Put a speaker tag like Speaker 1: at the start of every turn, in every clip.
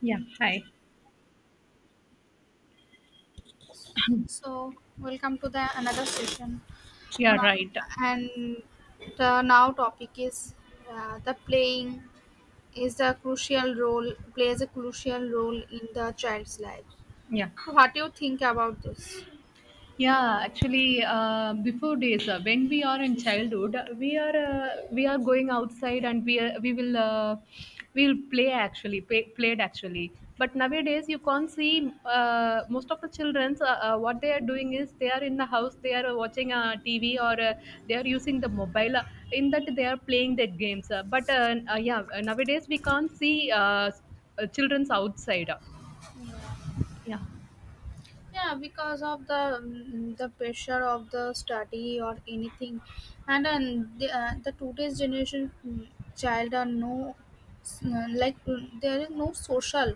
Speaker 1: Yeah, hi.
Speaker 2: So welcome to the another session, uh,
Speaker 1: Yeah, right.
Speaker 2: and the now topic is the playing is a crucial role plays a crucial role in the child's life.
Speaker 1: Yeah.
Speaker 2: So what do you think about this?
Speaker 1: Yeah, actually, before days, when we are in childhood, we are going outside and we will we'll play actually play, played actually. But nowadays, you can't see most of the childrens. What they are doing is they are in the house, they are watching TV or they are using the mobile. In that, they are playing their games. But Yeah, nowadays we can't see childrens outside. Yeah.
Speaker 2: Yeah, because of the the pressure of the study or anything, and then the today's generation child are no s- like there is no social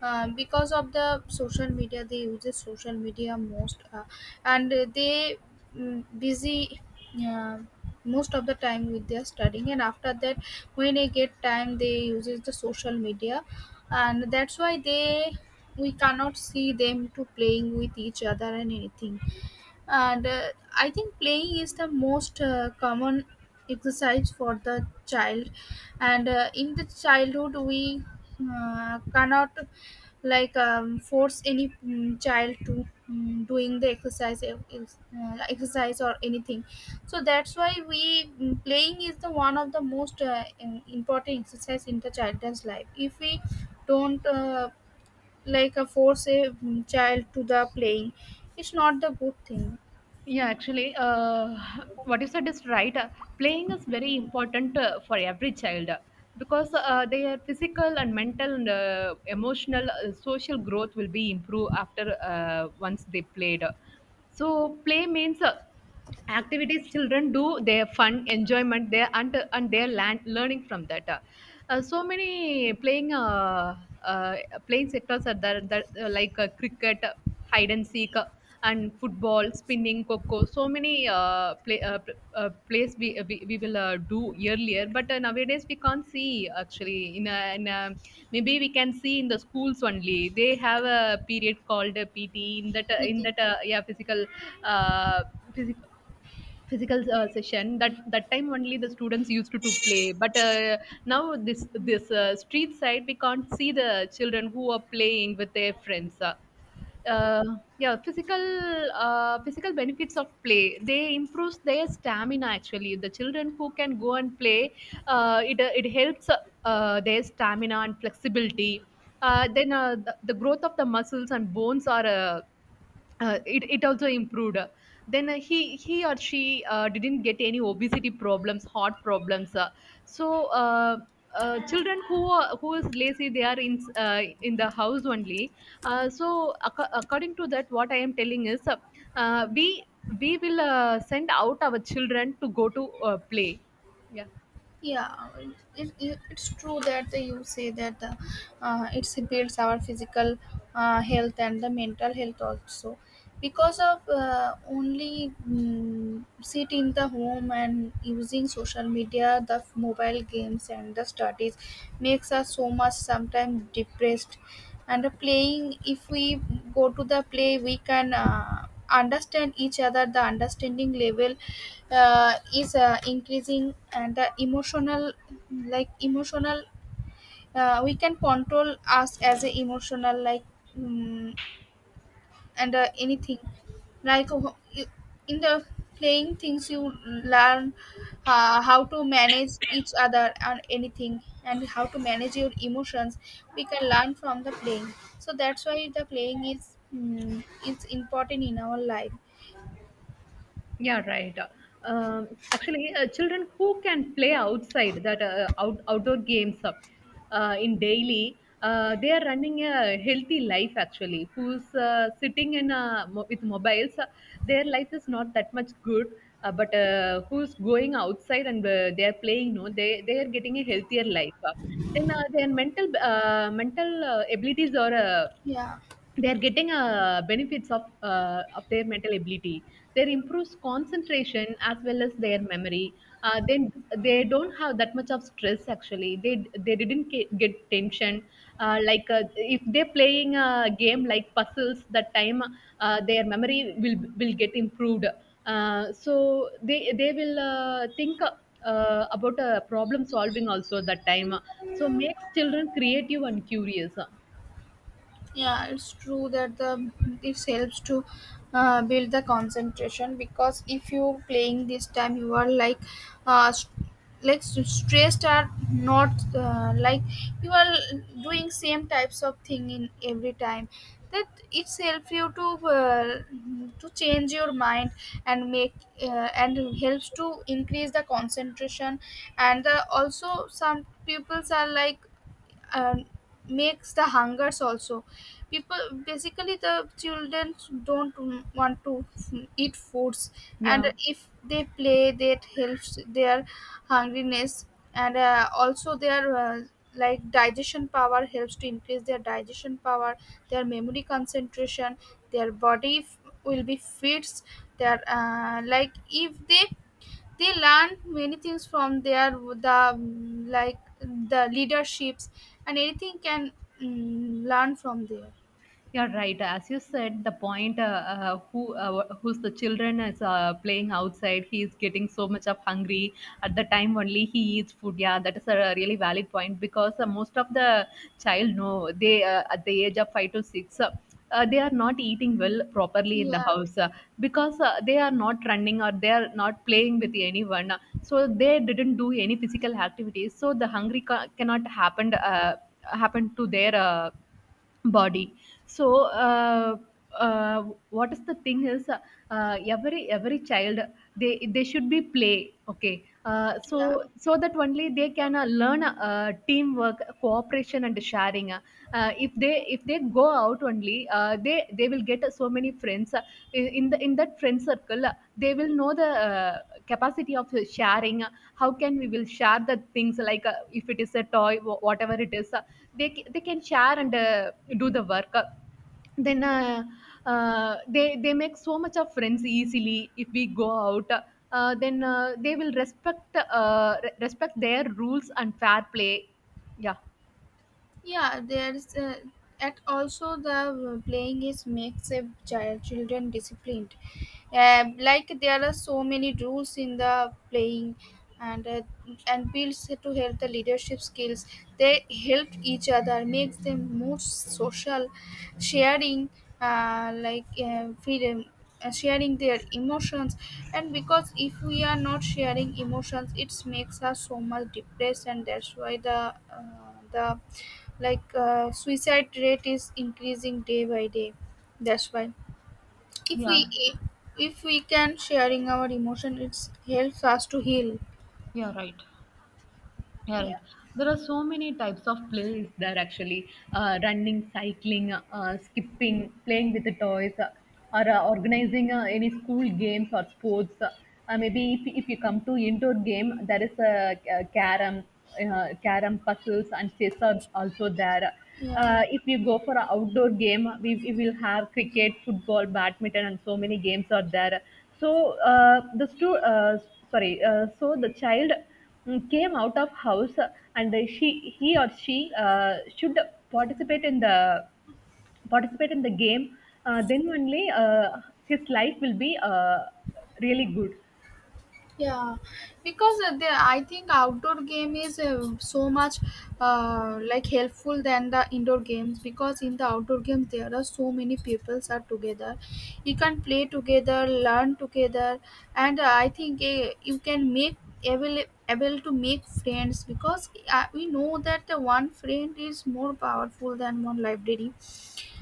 Speaker 2: because of the social media, they use the social media most, and they busy, uh, most of the time with their studying, and after that when they get time they uses the social media, and that's why they we cannot see them to playing with each other and anything. And I think playing is the most common exercise for the child. And In the childhood we cannot like force any child to doing the exercise, exercise or anything. So that's why playing is the one of the most important exercise in the child's life. If we don't like force a child to the playing, it's not the good thing
Speaker 1: Yeah, actually, what you said is right. Playing is very important for every child because their physical and mental and emotional, social growth will be improved after once they played. So, play means activities children do their fun enjoyment there and their land learning from that so many playing uh, playing sectors are there that, like cricket, hide and seek, and football, spinning, coco, so many many plays we will do earlier, but nowadays we can't see actually. Maybe we can see in the schools only. They have a period called a PT. in that uh, in
Speaker 2: within.
Speaker 1: that uh, yeah, physical uh, physical physical session, that that time only the students used to play. But now this street side we can't see the children who are playing with their friends. Uh, yeah, physical benefits of play, they improves their stamina. Actually, the children who can go and play, it helps their stamina and flexibility. Then the growth of the muscles and bones are, it also improved. Then he or she didn't get any obesity problems, heart problems. So uh, Children who who is lazy, they are in the house only. So according to that, what I am telling is uh, we we will send out our children to go to play. Yeah.
Speaker 2: yeah it, it's true that you say that it builds our physical health and the mental health also because of only sit in the home and using social media, mobile games and the studies makes us so much sometimes depressed. And the playing, if we go to the play, we can understand each other. The understanding level is increasing, and the emotional, like emotional, we can control us as a emotional, like mm and anything. like uh, you- in the playing things, you learn how to manage each other and anything, and how to manage your emotions we can learn from the playing. So that's why the playing is is important in our life.
Speaker 1: Yeah, right. Children who can play outside, that outdoor games, in daily, they are running a healthy life. Actually, who's sitting in with mobiles, their life is not that much good. But who's going outside and they are playing, no, they are getting a healthier life. Then their mental abilities are uh,
Speaker 2: Yeah,
Speaker 1: they're getting benefits of their mental ability. They improves concentration as well as their memory. Then they don't have that much of stress. Actually, they didn't get tension. Like, if they're playing a game like puzzles, that time their memory will get improved. So they will think about problem solving also that time. So makes children creative and curious.
Speaker 2: yeah. it's true that the this helps to build the concentration, because if you playing this time, you are like, uh, st- like stressed are not, like you are doing same types of thing in every time, that it's help you to change your mind and make and helps to increase the concentration. And Also some pupils are like, um, makes the hungers also. People, basically the children, don't want to eat foods, and
Speaker 1: Yeah.
Speaker 2: if they play, that helps their hungriness. And Also their like digestion power, helps to increase their digestion power, their memory, concentration, their body f- will be fits. Their like if they, they learn many things from the like the leaderships and anything can learn from there.
Speaker 1: You're right. As you said, the point, who's the children is playing outside, he is getting so much of hungry. At the time only he eats food. Yeah, that is a really valid point because most of the child know they at the age of five to six. They are not eating well properly in the
Speaker 2: Yeah,
Speaker 1: house, because they are not running or they are not playing with anyone. So they didn't do any physical activities. So the hungry cannot happen to their body. So uh, uh, what is the thing is, every child, they should be play. Okay, so
Speaker 2: yeah.
Speaker 1: so that only they can learn teamwork, cooperation, and sharing. If they, if they go out only, they will get so many friends. In the, in that friend circle, they will know the capacity of sharing. How can we will share the things? Like, if it is a toy, whatever it is, they can share and do the work. Then they make so much of friends easily if we go out. Then they will respect, respect their rules and fair play. Yeah.
Speaker 2: Yeah, there's at also the playing is makes a children disciplined. Um, like there are so many rules in the playing, and uh, and builds to help the leadership skills. They help each other, makes them more social, sharing, like freedom, sharing their emotions. And because if we are not sharing emotions, it makes us so much depressed, and that's why the like suicide rate is increasing day by day. That's why if we,
Speaker 1: Yeah,
Speaker 2: if we can sharing our emotion, it helps us to heal.
Speaker 1: yeah, right. Yeah,
Speaker 2: Yeah,
Speaker 1: right. There are so many types of plays there. Actually, running, cycling, skipping, playing with the toys, or organizing any school games or sports. Maybe if you come to indoor game, there is a carom, carom, puzzles, and chess are also there.
Speaker 2: yeah.
Speaker 1: If you go for an outdoor game, we will have cricket, football, badminton, and so many games are there. So uh, the stu- uh, so the child mm, came out of house, and she he or she should participate in the participate in the game. Then only his life will be really good.
Speaker 2: Yeah, because the I think outdoor game is so much like helpful than the indoor games, because in the outdoor games there are so many peoples are together. You can play together, learn together, and I think you can make able able to make friends, because we know that the one friend is more powerful than one library.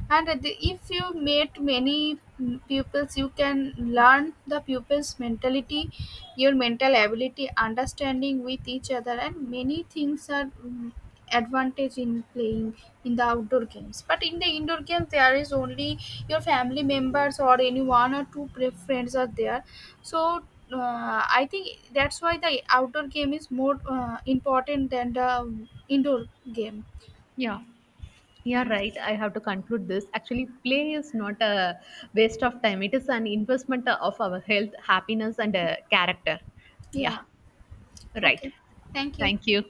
Speaker 2: If you meet many pupils, you can learn the pupils mentality, your mental ability, understanding with each other, and many things are advantage in playing in the outdoor games. But in the indoor games, there is only your family members or any one or two friends are there. So I think that's why the outdoor game is more important than the indoor game.
Speaker 1: Yeah, you're right. I have to conclude this. Actually, play is not a waste of time, it is an investment of our health, happiness, and character. Yeah,
Speaker 2: Yeah,
Speaker 1: right.
Speaker 2: okay, thank you.
Speaker 1: Thank you.